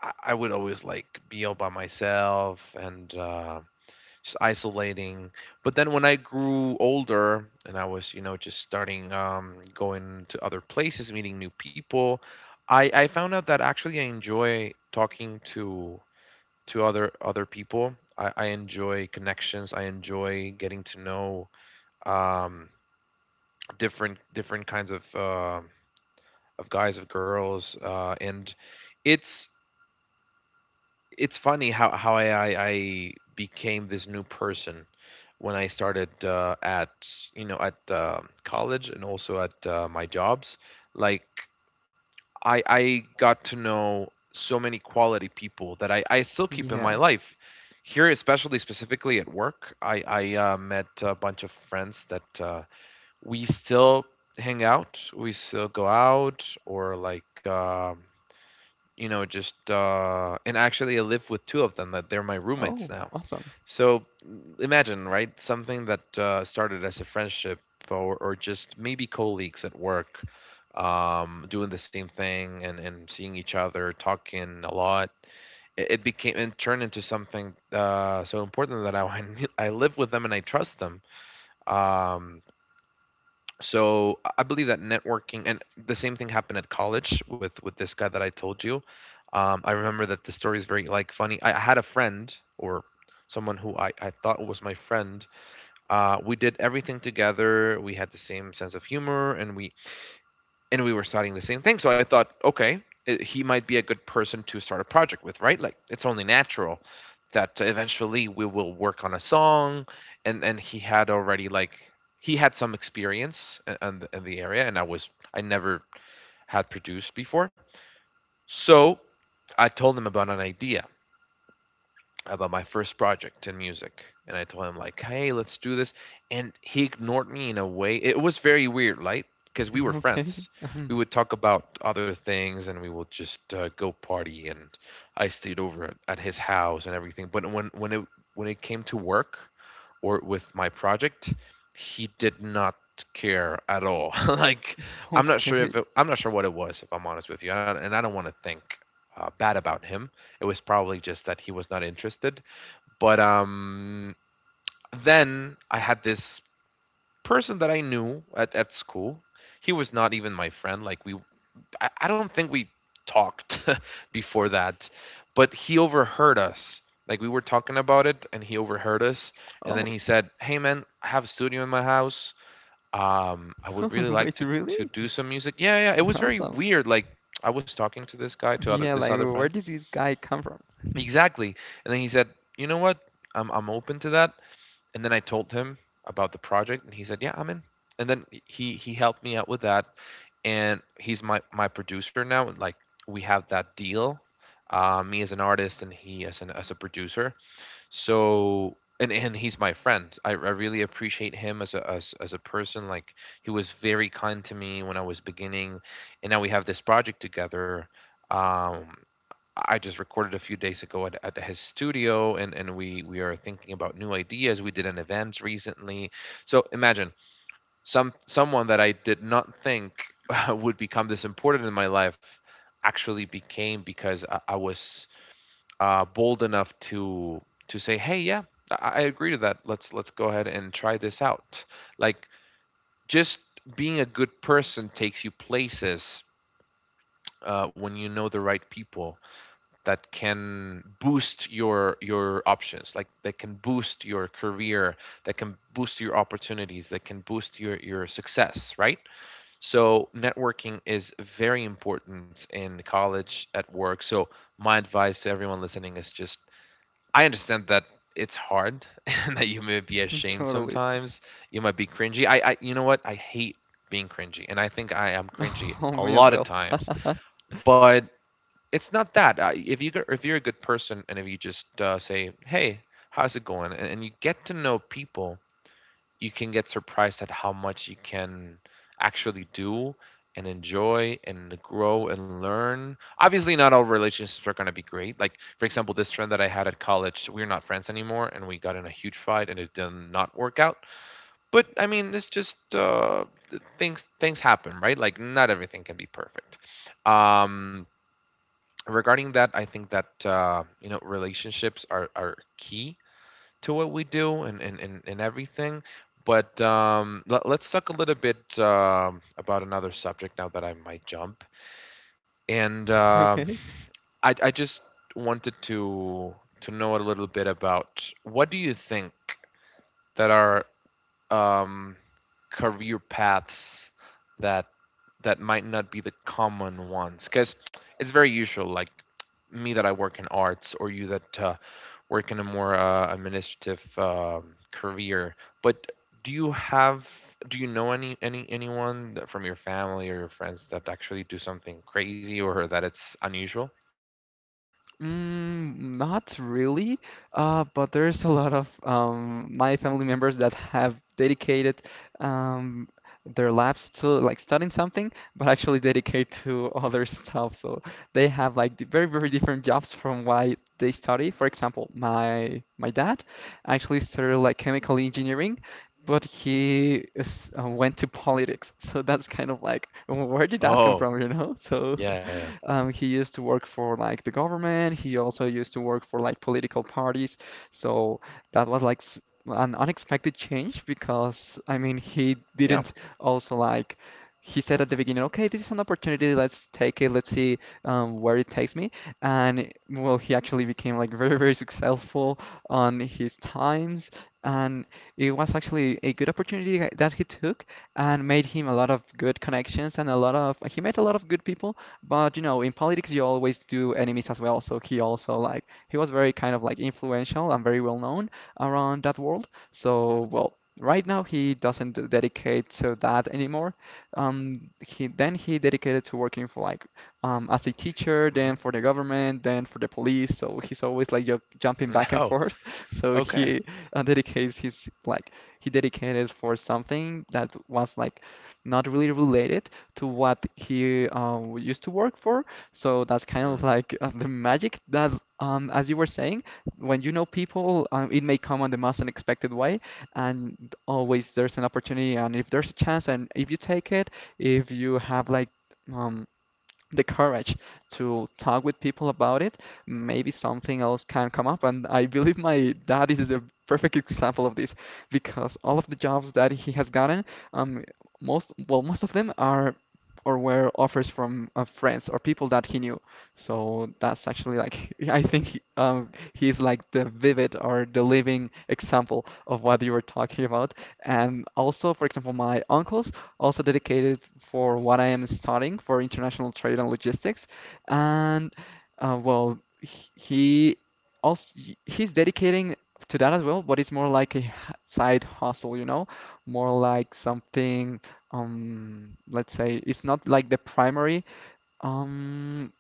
Speaker 1: I would always like be all by myself and just isolating. But then when I grew older and I was, you know, just starting going to other places, meeting new people, I found out that actually I enjoy talking to other people. I enjoy connections. I enjoy getting to know um, different kinds of guys of girls, and it's it's funny how I became this new person when I started at at college and also at my jobs. Like I got to know so many quality people that I still keep in my
Speaker 2: yeah.
Speaker 1: life. Here, especially specifically at work, I met a bunch of friends that we still hang out. We still go out or like you know just and actually I live with two of them that they're my roommates
Speaker 2: Oh,
Speaker 1: now.
Speaker 2: awesome.
Speaker 1: So imagine, right? Something that started as a friendship or just maybe colleagues at work, doing the same thing and seeing each other, talking a lot. It became and turned into something so important that [LAUGHS] I live with them and I trust them. Um, so I believe that networking and the same thing happened at college with this guy that I told you I remember that the story is very funny. I had a friend, or someone who I thought was my friend. We did everything together, we had the same sense of humor, and we were studying the same thing. So I thought, okay, he might be a good person to start a project with, right? Like it's only natural that eventually we will work on a song, and he had already he had some experience in the area, and I was, I never had produced before. So I told him about an idea, about my first project in music, and I told him, like, hey, let's do this. And he ignored me in a way. It was very weird, right? Because we were
Speaker 2: [LAUGHS] Okay.
Speaker 1: friends,
Speaker 2: Um,
Speaker 1: we would talk about other things, and we would just go party, and I stayed over at his house and everything. But when it came to work, or with my project, he did not care at all. [LAUGHS] Like, I'm not sure
Speaker 2: Okay.
Speaker 1: if I'm not sure what it was, if I'm honest with you. And and I don't want to think bad about him. It was probably just that he was not interested. But then I had this person that I knew at school. He was not even my friend. I don't think we talked [LAUGHS] before that, but he overheard us. Like, we were talking about it, and he overheard us. And then
Speaker 2: Oh,
Speaker 1: he said, "Hey man, I have a studio in my house. I would really
Speaker 2: [LAUGHS]
Speaker 1: like
Speaker 2: wait,
Speaker 1: to
Speaker 2: really?
Speaker 1: do some music." Yeah, yeah. It was very
Speaker 2: Awesome.
Speaker 1: weird. Like, I was talking to this guy, to other
Speaker 2: Yeah,
Speaker 1: this
Speaker 2: like
Speaker 1: other friend.
Speaker 2: where did this guy come from? [LAUGHS]
Speaker 1: Exactly. And then he said, "You know what? I'm open to that." And then I told him about the project, and he said, "Yeah, I'm in." And then he helped me out with that, and he's my producer now. Like, we have that deal, me as an artist and he as an as a producer. So, and he's my friend. I really appreciate him as a as a person. Like, he was very kind to me when I was beginning, and now we have this project together. Um, I just recorded a few days ago at his studio, and we are thinking about new ideas. We did an event recently. So imagine, someone that I did not think [LAUGHS] would become this important in my life actually became, because I was bold enough to say, hey, yeah, I agree to that. Let's go ahead and try this out. Like, just being a good person takes you places when you know the right people that can boost your options, like that can boost your career, that can boost your opportunities, that can boost your success, right? So networking is very important in college, at work. So my advice to everyone listening is just, I understand that it's hard [LAUGHS] and that you may be ashamed
Speaker 2: Totally. [LAUGHS]
Speaker 1: sometimes, you might be cringy. I, you know what, I hate being cringy, and I think I am cringy
Speaker 2: Oh,
Speaker 1: a
Speaker 2: me as
Speaker 1: lot of
Speaker 2: well.
Speaker 1: times. But it's not that. If you if you're a good person, and if you just say, "Hey, how's it going?" And you get to know people, you can get surprised at how much you can actually do and enjoy and grow and learn. Obviously, not all relationships are going to be great. Like, for example, this friend that I had at college, we're not friends anymore, and we got in a huge fight, and it did not work out. But I mean, it's just things happen, right? Like, not everything can be perfect. Um, Regarding that, I think that you know, relationships are key to what we do, and and everything. But let's talk a little bit about another subject now that I might jump. And
Speaker 2: [LAUGHS] Okay.
Speaker 1: I just wanted to know a little bit about, what do you think that are um, career paths that might not be the common ones, because it's very usual, like me that I work in arts, or you that work in a more administrative career. But do you have, do you know any anyone from your family or your friends that actually do something crazy or that it's unusual?
Speaker 2: Mm, not really. But there's a lot of my family members that have dedicated um, their lives to like studying something, but actually dedicate to [LAUGHS] other stuff. So they have like the very, very different jobs from why they study. For example, my dad actually started like chemical engineering, but he went to politics. [LAUGHS] So that's kind of like, "Well, where did that come
Speaker 1: Oh,
Speaker 2: from, you know?" So
Speaker 1: yeah, yeah,
Speaker 2: [LAUGHS] he used to work for like the government. He also used to work for like political parties. So that was like an unexpected change because, I mean, he
Speaker 1: yeah.
Speaker 2: didn't also like. He said at the beginning, okay, this is an opportunity. Let's take it. Let's see where it takes me. And well, he actually became like very, very successful on his times. And it was actually a good opportunity that he took and made him a lot of good connections, and a lot of, he met a lot of good people. But you know, in politics you always do enemies as well. So he also like he was very kind of like influential and very well known around that world. So well. Right now, he doesn't dedicate to that anymore. He then he dedicated to working for like as a teacher,
Speaker 1: Hmm.
Speaker 2: then for the government, then for the police. So he's always like ju jumping back
Speaker 1: [LAUGHS]
Speaker 2: and
Speaker 1: Oh,
Speaker 2: forth. [LAUGHS] So
Speaker 1: okay.
Speaker 2: he dedicates his like he dedicated for something that was like not really related to what he used to work for. So that's kind of
Speaker 1: Mm,
Speaker 2: like the magic that, as you were saying, when you know people, it may come on the most unexpected way, and always there's an opportunity, and if there's a chance, and if you take it, if you have like um, the courage to talk with people about it, maybe something else can come up. And I believe my dad is a perfect example of this because all of the jobs that he has gotten, um, well, most of them are or were offers from friends or people that he knew. So that's actually like, [LAUGHS] I think he's like the vivid or the living example of what you were talking about. And also, for example, my uncles also dedicated for what I am studying, for international trade and logistics. And well, also he's dedicating to that as well, but it's more like a side hustle, you know, more like something, let's say, it's not like the primary um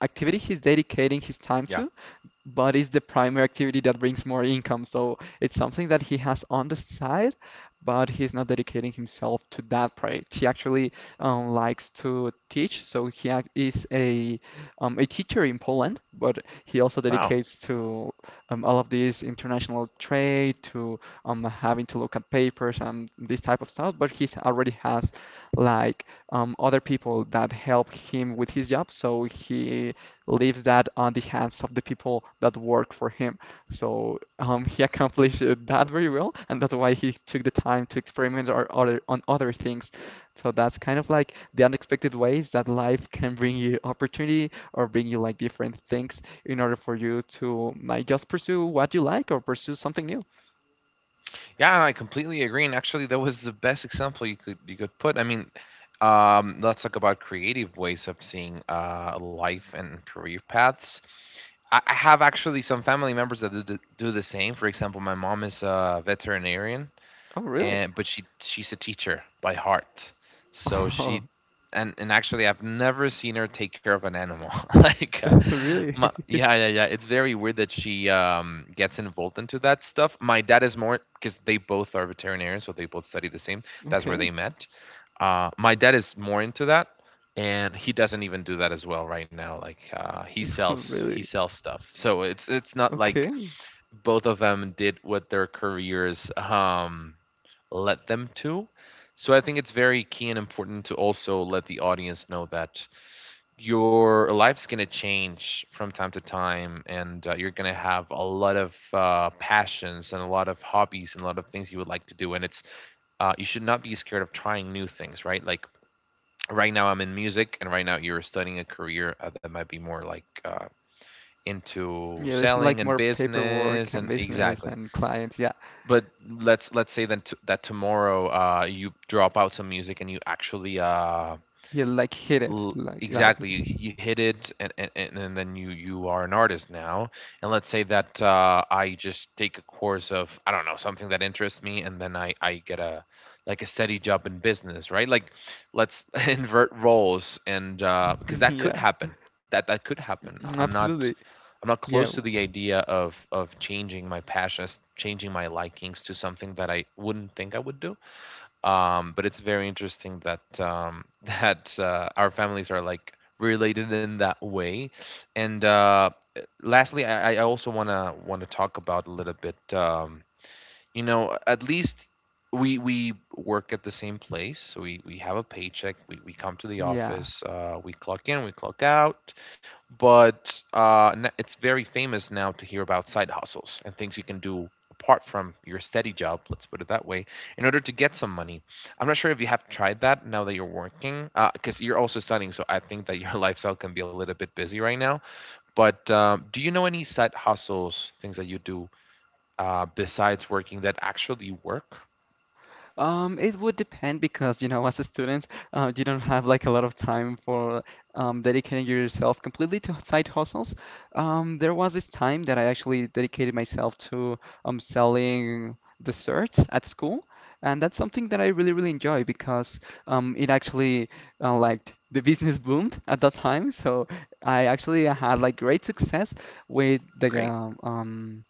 Speaker 2: activity he's dedicating his time
Speaker 1: yeah.
Speaker 2: to, but it's the primary activity that brings more income. So it's something that he has on the side, but he's not dedicating himself to that project. He actually likes to teach, so he is a teacher in Poland, but he also
Speaker 1: Wow.
Speaker 2: dedicates to all of this international trade, to having to look at papers and this type of stuff. But he already has like other people that help him with his job, so he leaves that on the hands of the people that work for him. So he accomplished that very well, and that's why he took the time to experiment or other, on other things. So that's kind of like the unexpected ways that life can bring you opportunity or bring you like different things in order for you to like just pursue what you like or pursue something new.
Speaker 1: Yeah, and I completely agree. And actually, that was the best example you could put. I mean, let's talk about creative ways of seeing life and career paths. I have actually some family members that do do the same. For example, my mom is a veterinarian,
Speaker 2: Oh, really?
Speaker 1: and, but she's a teacher by heart, so
Speaker 2: Oh,
Speaker 1: she, and actually I've never seen her take care of an animal [LAUGHS] like
Speaker 2: [LAUGHS] really?
Speaker 1: my,
Speaker 2: [LAUGHS]
Speaker 1: yeah, yeah, yeah. It's very weird that she gets involved into that stuff. My dad is more, because they both are veterinarians, so they both study the same. That's where they
Speaker 2: Okay.
Speaker 1: met. My dad is more into that, and he doesn't even do that as well right now. Like,
Speaker 2: [LAUGHS]
Speaker 1: he
Speaker 2: Really?
Speaker 1: sells stuff. So it's not like
Speaker 2: Okay.
Speaker 1: both of them did what their careers led them to. So I think it's very key and important to also let the audience know that your life's going to change from time to time, and you're going to have a lot of passions and a lot of hobbies and a lot of things you would like to do. And it's you should not be scared of trying new things, right? Like, right now I'm in music, and right now you're studying a career that might be more like into
Speaker 2: Yeah, there's like
Speaker 1: selling and
Speaker 2: more paperwork
Speaker 1: business,
Speaker 2: and
Speaker 1: and
Speaker 2: business
Speaker 1: exactly.
Speaker 2: and clients. Yeah.
Speaker 1: But let's say then that tomorrow you drop out some music and you actually
Speaker 2: Yeah, like hit it, like
Speaker 1: exactly, you hit it, and and then you are an artist now. And let's say that I just take a course of, I don't know, something that interests me, and then I get a, like a steady job in business, right? Like, let's [LAUGHS] invert roles, and because
Speaker 2: [LAUGHS]
Speaker 1: that
Speaker 2: yeah.
Speaker 1: could happen. That, that could happen.
Speaker 2: Mm, mm,
Speaker 1: I'm not,
Speaker 2: absolutely.
Speaker 1: I'm not close
Speaker 2: Yeah,
Speaker 1: to the idea of changing my passions, changing my likings to something that I wouldn't think I would do. But it's very interesting that [LAUGHS] that our families are like related in that way. And lastly, I also wanna talk about a little bit. You know, at least we work at the same place, so we have a paycheck, we come to the
Speaker 2: yeah.
Speaker 1: office, we clock in, we clock out. But it's very famous now to hear about side hustles and things you can do apart from your steady job, let's put it that way, in order to get some money. I'm not sure if you have tried that now that you're working, because you're also studying, so I think that your [LAUGHS] lifestyle can be a little bit busy right now. But do you know any side hustles, things that you do besides working, that actually work?
Speaker 2: It would depend because, you know, as a student, you don't have like a lot of time for dedicating yourself completely to side hustles. There was this time that I actually dedicated myself to selling desserts at school, and that's something that I really, really enjoy because it actually like the business boomed at that time. So I actually had like great success with the
Speaker 1: Great.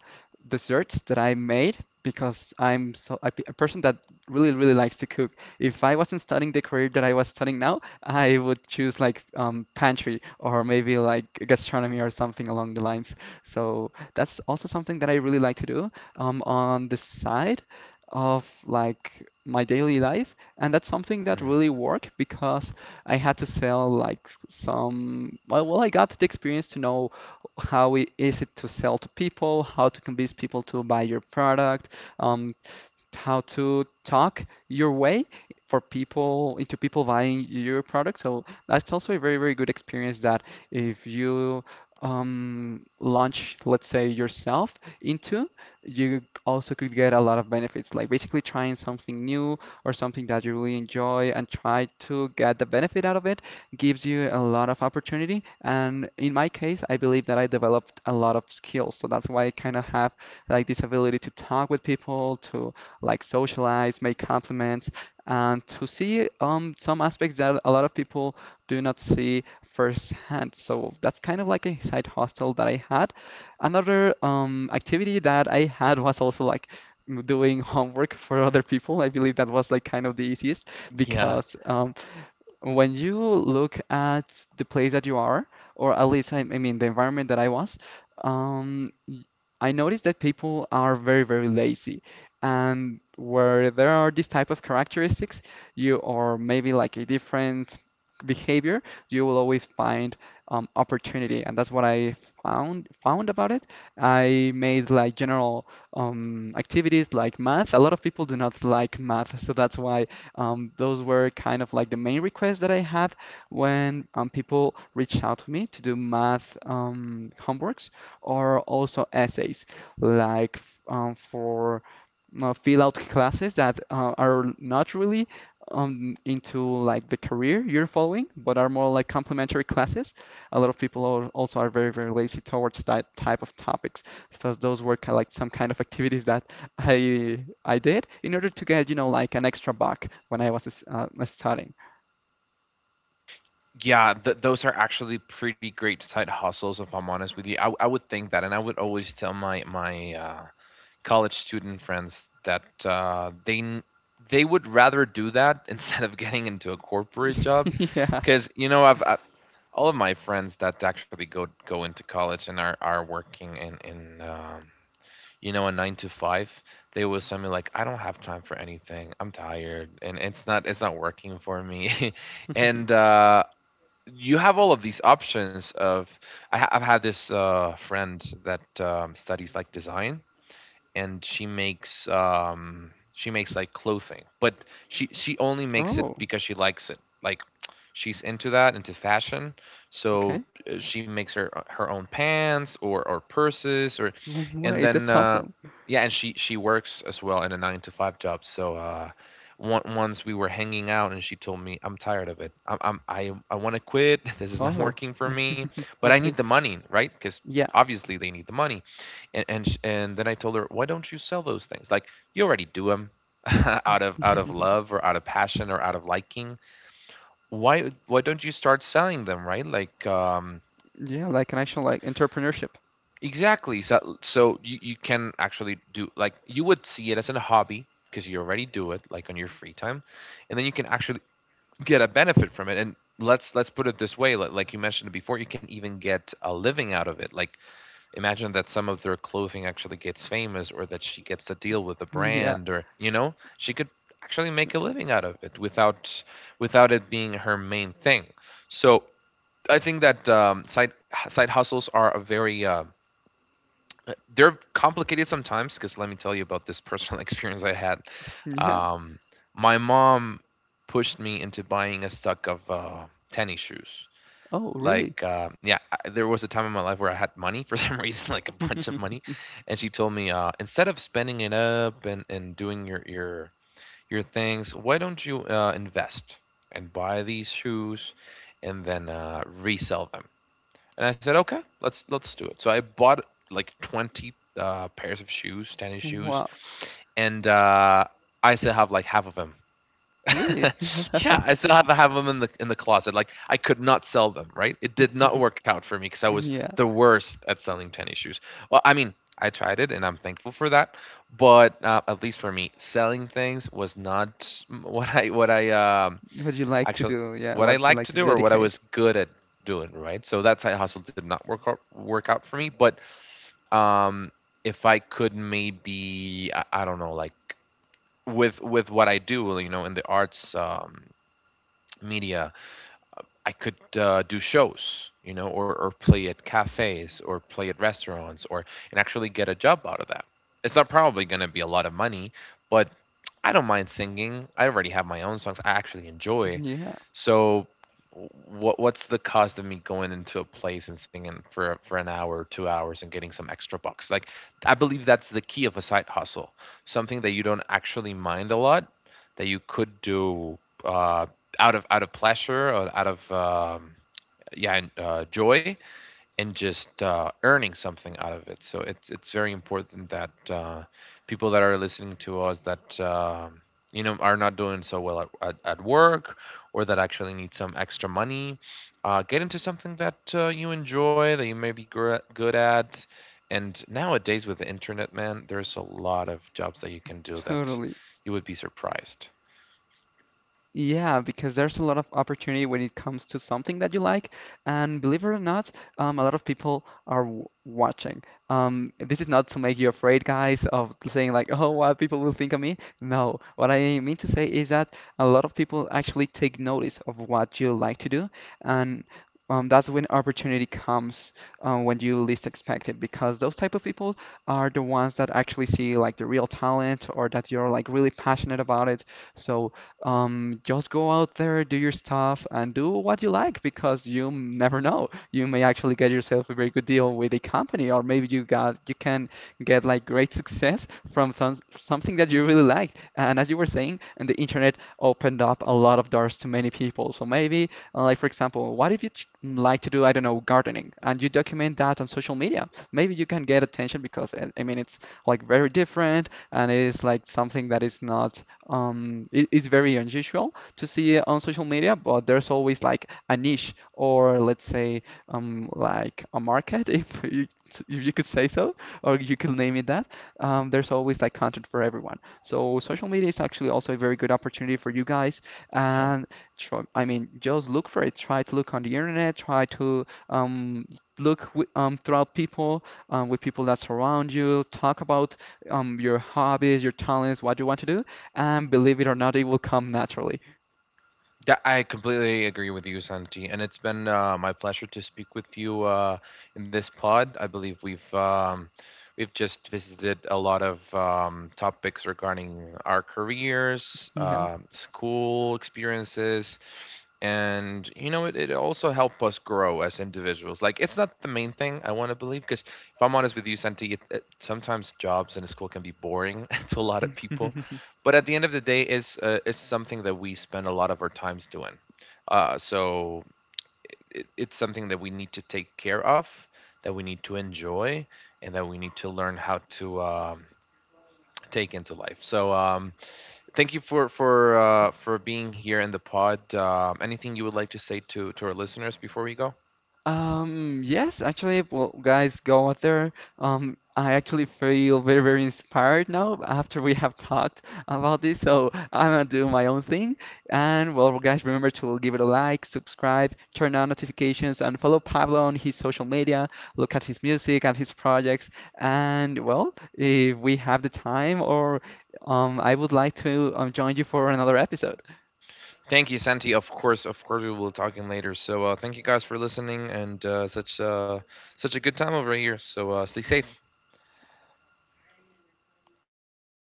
Speaker 2: desserts that I made because I'm so a person that really, really likes to cook. If I wasn't studying the career that I was studying now, I would choose like pantry or maybe like gastronomy or something along the lines. So that's also something that I really like to do on the side of like my daily life. And that's something that
Speaker 1: Mm.
Speaker 2: really worked because I had to sell like some, I got the experience to know how it is it to sell to people, how to convince people to buy your product, um, how to talk your way for people into people buying your product. So that's also a very, very good experience that if you launch, let's say, yourself into, you also could get a lot of benefits, like basically trying something new or something that you really enjoy and try to get the benefit out of it, gives you a lot of opportunity. And in my case, I believe that I developed a lot of skills. So that's why I kind of have like this ability to talk with people, to like socialize, make compliments, and to see some aspects that a lot of people do not see firsthand. So that's kind of like a side hustle that I had. Another activity that I had was also like doing homework for other people. I believe that was like kind of the easiest
Speaker 1: Yeah.
Speaker 2: because when you look at the place that you are, or at least I mean the environment that I was, um, y- I noticed that people are very, very lazy. And where there are these type of characteristics, you or maybe like a different behavior, you will always find opportunity, and that's what I found about it. I made like general activities like math. A lot of people do not like math, so that's why those were kind of like the main requests that I had when people reach out to me to do math homeworks or also essays, like for fill out classes that are not really into like the career you're following, but are more like complementary classes. A lot of people are, also are very, very lazy towards that type of topics. So those were kind of like some kind of activities that I did in order to get, you know, like an extra buck when I was studying.
Speaker 1: Yeah, those are actually pretty great side hustles, if I'm honest with you. I would think that, and I would always tell my college student friends that they would rather do that [LAUGHS] instead of getting into a corporate job
Speaker 2: [LAUGHS] Yeah.
Speaker 1: because you know I've, I all of my friends that actually go into college and are working in you know, a 9 to 5, they will send me like, "I don't have time for anything. I'm tired and it's not working for me." [LAUGHS] And
Speaker 2: [LAUGHS]
Speaker 1: You have all of these options of I've had this friend that studies like design, and she makes like clothing, but she only makes it
Speaker 2: Oh,
Speaker 1: because she likes it. Like she's into that, into fashion. So,
Speaker 2: okay.
Speaker 1: she makes her own pants or purses or, and
Speaker 2: Wait,
Speaker 1: then
Speaker 2: that's awesome.
Speaker 1: yeah, and she works as well in a 9 to 5 job. So once we were hanging out and she told me, I'm tired of it. I want to quit. [LAUGHS] This is not
Speaker 2: Oh,
Speaker 1: working for me,
Speaker 2: [LAUGHS]
Speaker 1: but I need
Speaker 2: okay.
Speaker 1: the money, right? Because
Speaker 2: Yeah.
Speaker 1: obviously they need the money. And then I told her, why don't you sell those things? Like, you already do them [LAUGHS] out of
Speaker 2: [LAUGHS]
Speaker 1: love or out of passion or out of liking. Why don't you start selling them, right?
Speaker 2: Yeah, like an actual like entrepreneurship.
Speaker 1: Exactly. So, so you can actually do, like, you would see it as a hobby because you already do it like on your free time, and then you can actually get a benefit from it and. Let's put it this way. Like you mentioned before, you can even get a living out of it. Like, imagine that some of their clothing actually gets famous or that she gets a deal with a
Speaker 2: Yeah.
Speaker 1: brand, or, you know, she could actually make a living out of it without without it being her main thing. So I think that, side hustles are a very, they're complicated sometimes, because let me tell you about this personal [LAUGHS] experience I had.
Speaker 2: Yeah.
Speaker 1: um, my mom pushed me into buying a stock of, tennis shoes.
Speaker 2: Oh, really?
Speaker 1: Like, yeah, there was a time in my life where I had money for some [LAUGHS] reason, like a bunch of money,
Speaker 2: [LAUGHS]
Speaker 1: and she told me, instead of spending it up and doing your things, why don't you, invest and buy these shoes and then, resell them. And I said, okay, let's do it. So I bought like 20, pairs of shoes, tennis shoes.
Speaker 2: Wow.
Speaker 1: And, I still have like half of them.
Speaker 2: Really?
Speaker 1: [LAUGHS] Yeah,
Speaker 2: [LAUGHS]
Speaker 1: I still have them in the closet. Like, I could not sell them, right? It did not work out for me because I was
Speaker 2: Yeah.
Speaker 1: the worst at selling tennis shoes. Well, I mean, I tried it and I'm thankful for that. But, at least for me, selling things was not what I um,
Speaker 2: What do you like to
Speaker 1: actually
Speaker 2: do? Yeah,
Speaker 1: what I
Speaker 2: what do you
Speaker 1: liked
Speaker 2: like
Speaker 1: to
Speaker 2: to
Speaker 1: do or what I was
Speaker 2: dedicate?
Speaker 1: good at doing, right? So that side hustle did not work out for me. But, um, if I could, maybe, I don't know, like with what I do, you know, in the arts, media. I could, do shows, you know, or play at cafes or play at restaurants, or, and actually get a job out of that. It's not probably going to be a lot of money, but I don't mind singing. I already have my own songs I actually enjoy.
Speaker 2: Yeah,
Speaker 1: So, what's the cost of me going into a place and singing for an hour, 2 hours, and getting some extra bucks? Like, I believe that's the key of a side hustle. Something that you don't actually mind a lot, that you could do, uh out of pleasure or out of yeah, and, joy, and just, earning something out of it. So it's very important that, people that are listening to us, that you know, are not doing so well at work, or that actually need some extra money, get into something that, you enjoy, that you may be good at. And nowadays with the internet, man, there's a lot of jobs that you can do that
Speaker 2: totally.
Speaker 1: you would be surprised.
Speaker 2: Yeah, because there's a lot of opportunity when it comes to something that you like, and believe it or not, a lot of people are w watching. This is not to make you afraid, guys, of saying like, "Oh, what people will think of me." No, what I mean to say is that a lot of people actually take notice of what you like to do, and that's when opportunity comes when you least expect it, because those type of people are the ones that actually see like the real talent or that you're like really passionate about it. So. Just go out there, do your stuff, and do what you like because never know. You may actually get yourself a very good deal with a company, or maybe you can get like great success from something that you really liked. And as you were saying, and the internet opened up a lot of doors to many people. So maybe, like for example, what if you like to do, I don't know, gardening, and you document that on social media? Maybe you can get attention because I mean it's like very different and it's like something that is not it is very unusual to see on social media, but there's always like a niche or let's say like a market [LAUGHS] if you could say so or you could name it that. There's always like content for everyone. So social media is actually also a very good opportunity for you guys
Speaker 1: Yeah,
Speaker 2: and try, I mean just look for it. Try to look on the internet, try to um look throughout people with people that surround you, talk about your hobbies, your talents, what you want to do, and believe it or not, it will come naturally.
Speaker 1: that I completely agree with you, Santi, and it's been, my pleasure to speak with you, in this pod. I believe we've, we've just visited a lot of, topics regarding our careers,
Speaker 2: Yeah.
Speaker 1: school experiences, and you know, it also helped us grow as individuals. Like, it's not the main thing, I want to believe, because if I'm honest with you, Santi, it sometimes jobs in school can be boring [LAUGHS] to a lot of people.
Speaker 2: [LAUGHS]
Speaker 1: But at the end of the day, is, is something that we spend a lot of our times doing. So it's something that we need to take care of, that we need to enjoy, and that we need to learn how to, take into life. So, thank you for for being here in the pod. Anything you would like to say to our listeners before we go?
Speaker 2: Yes, actually, well, guys, go out there. I actually feel very, very inspired now after we have talked about this. So I'm gonna do my own thing. And well, guys, remember to give it a like, subscribe, turn on notifications, and follow Pablo on his social media. Look at his music and his projects. And well, if we have the time, or I would like to join you for another episode.
Speaker 1: Thank you, Santi. Of course, of course, we will be talking later. So, thank you guys for listening, and, such, such a good time over here. So, stay safe.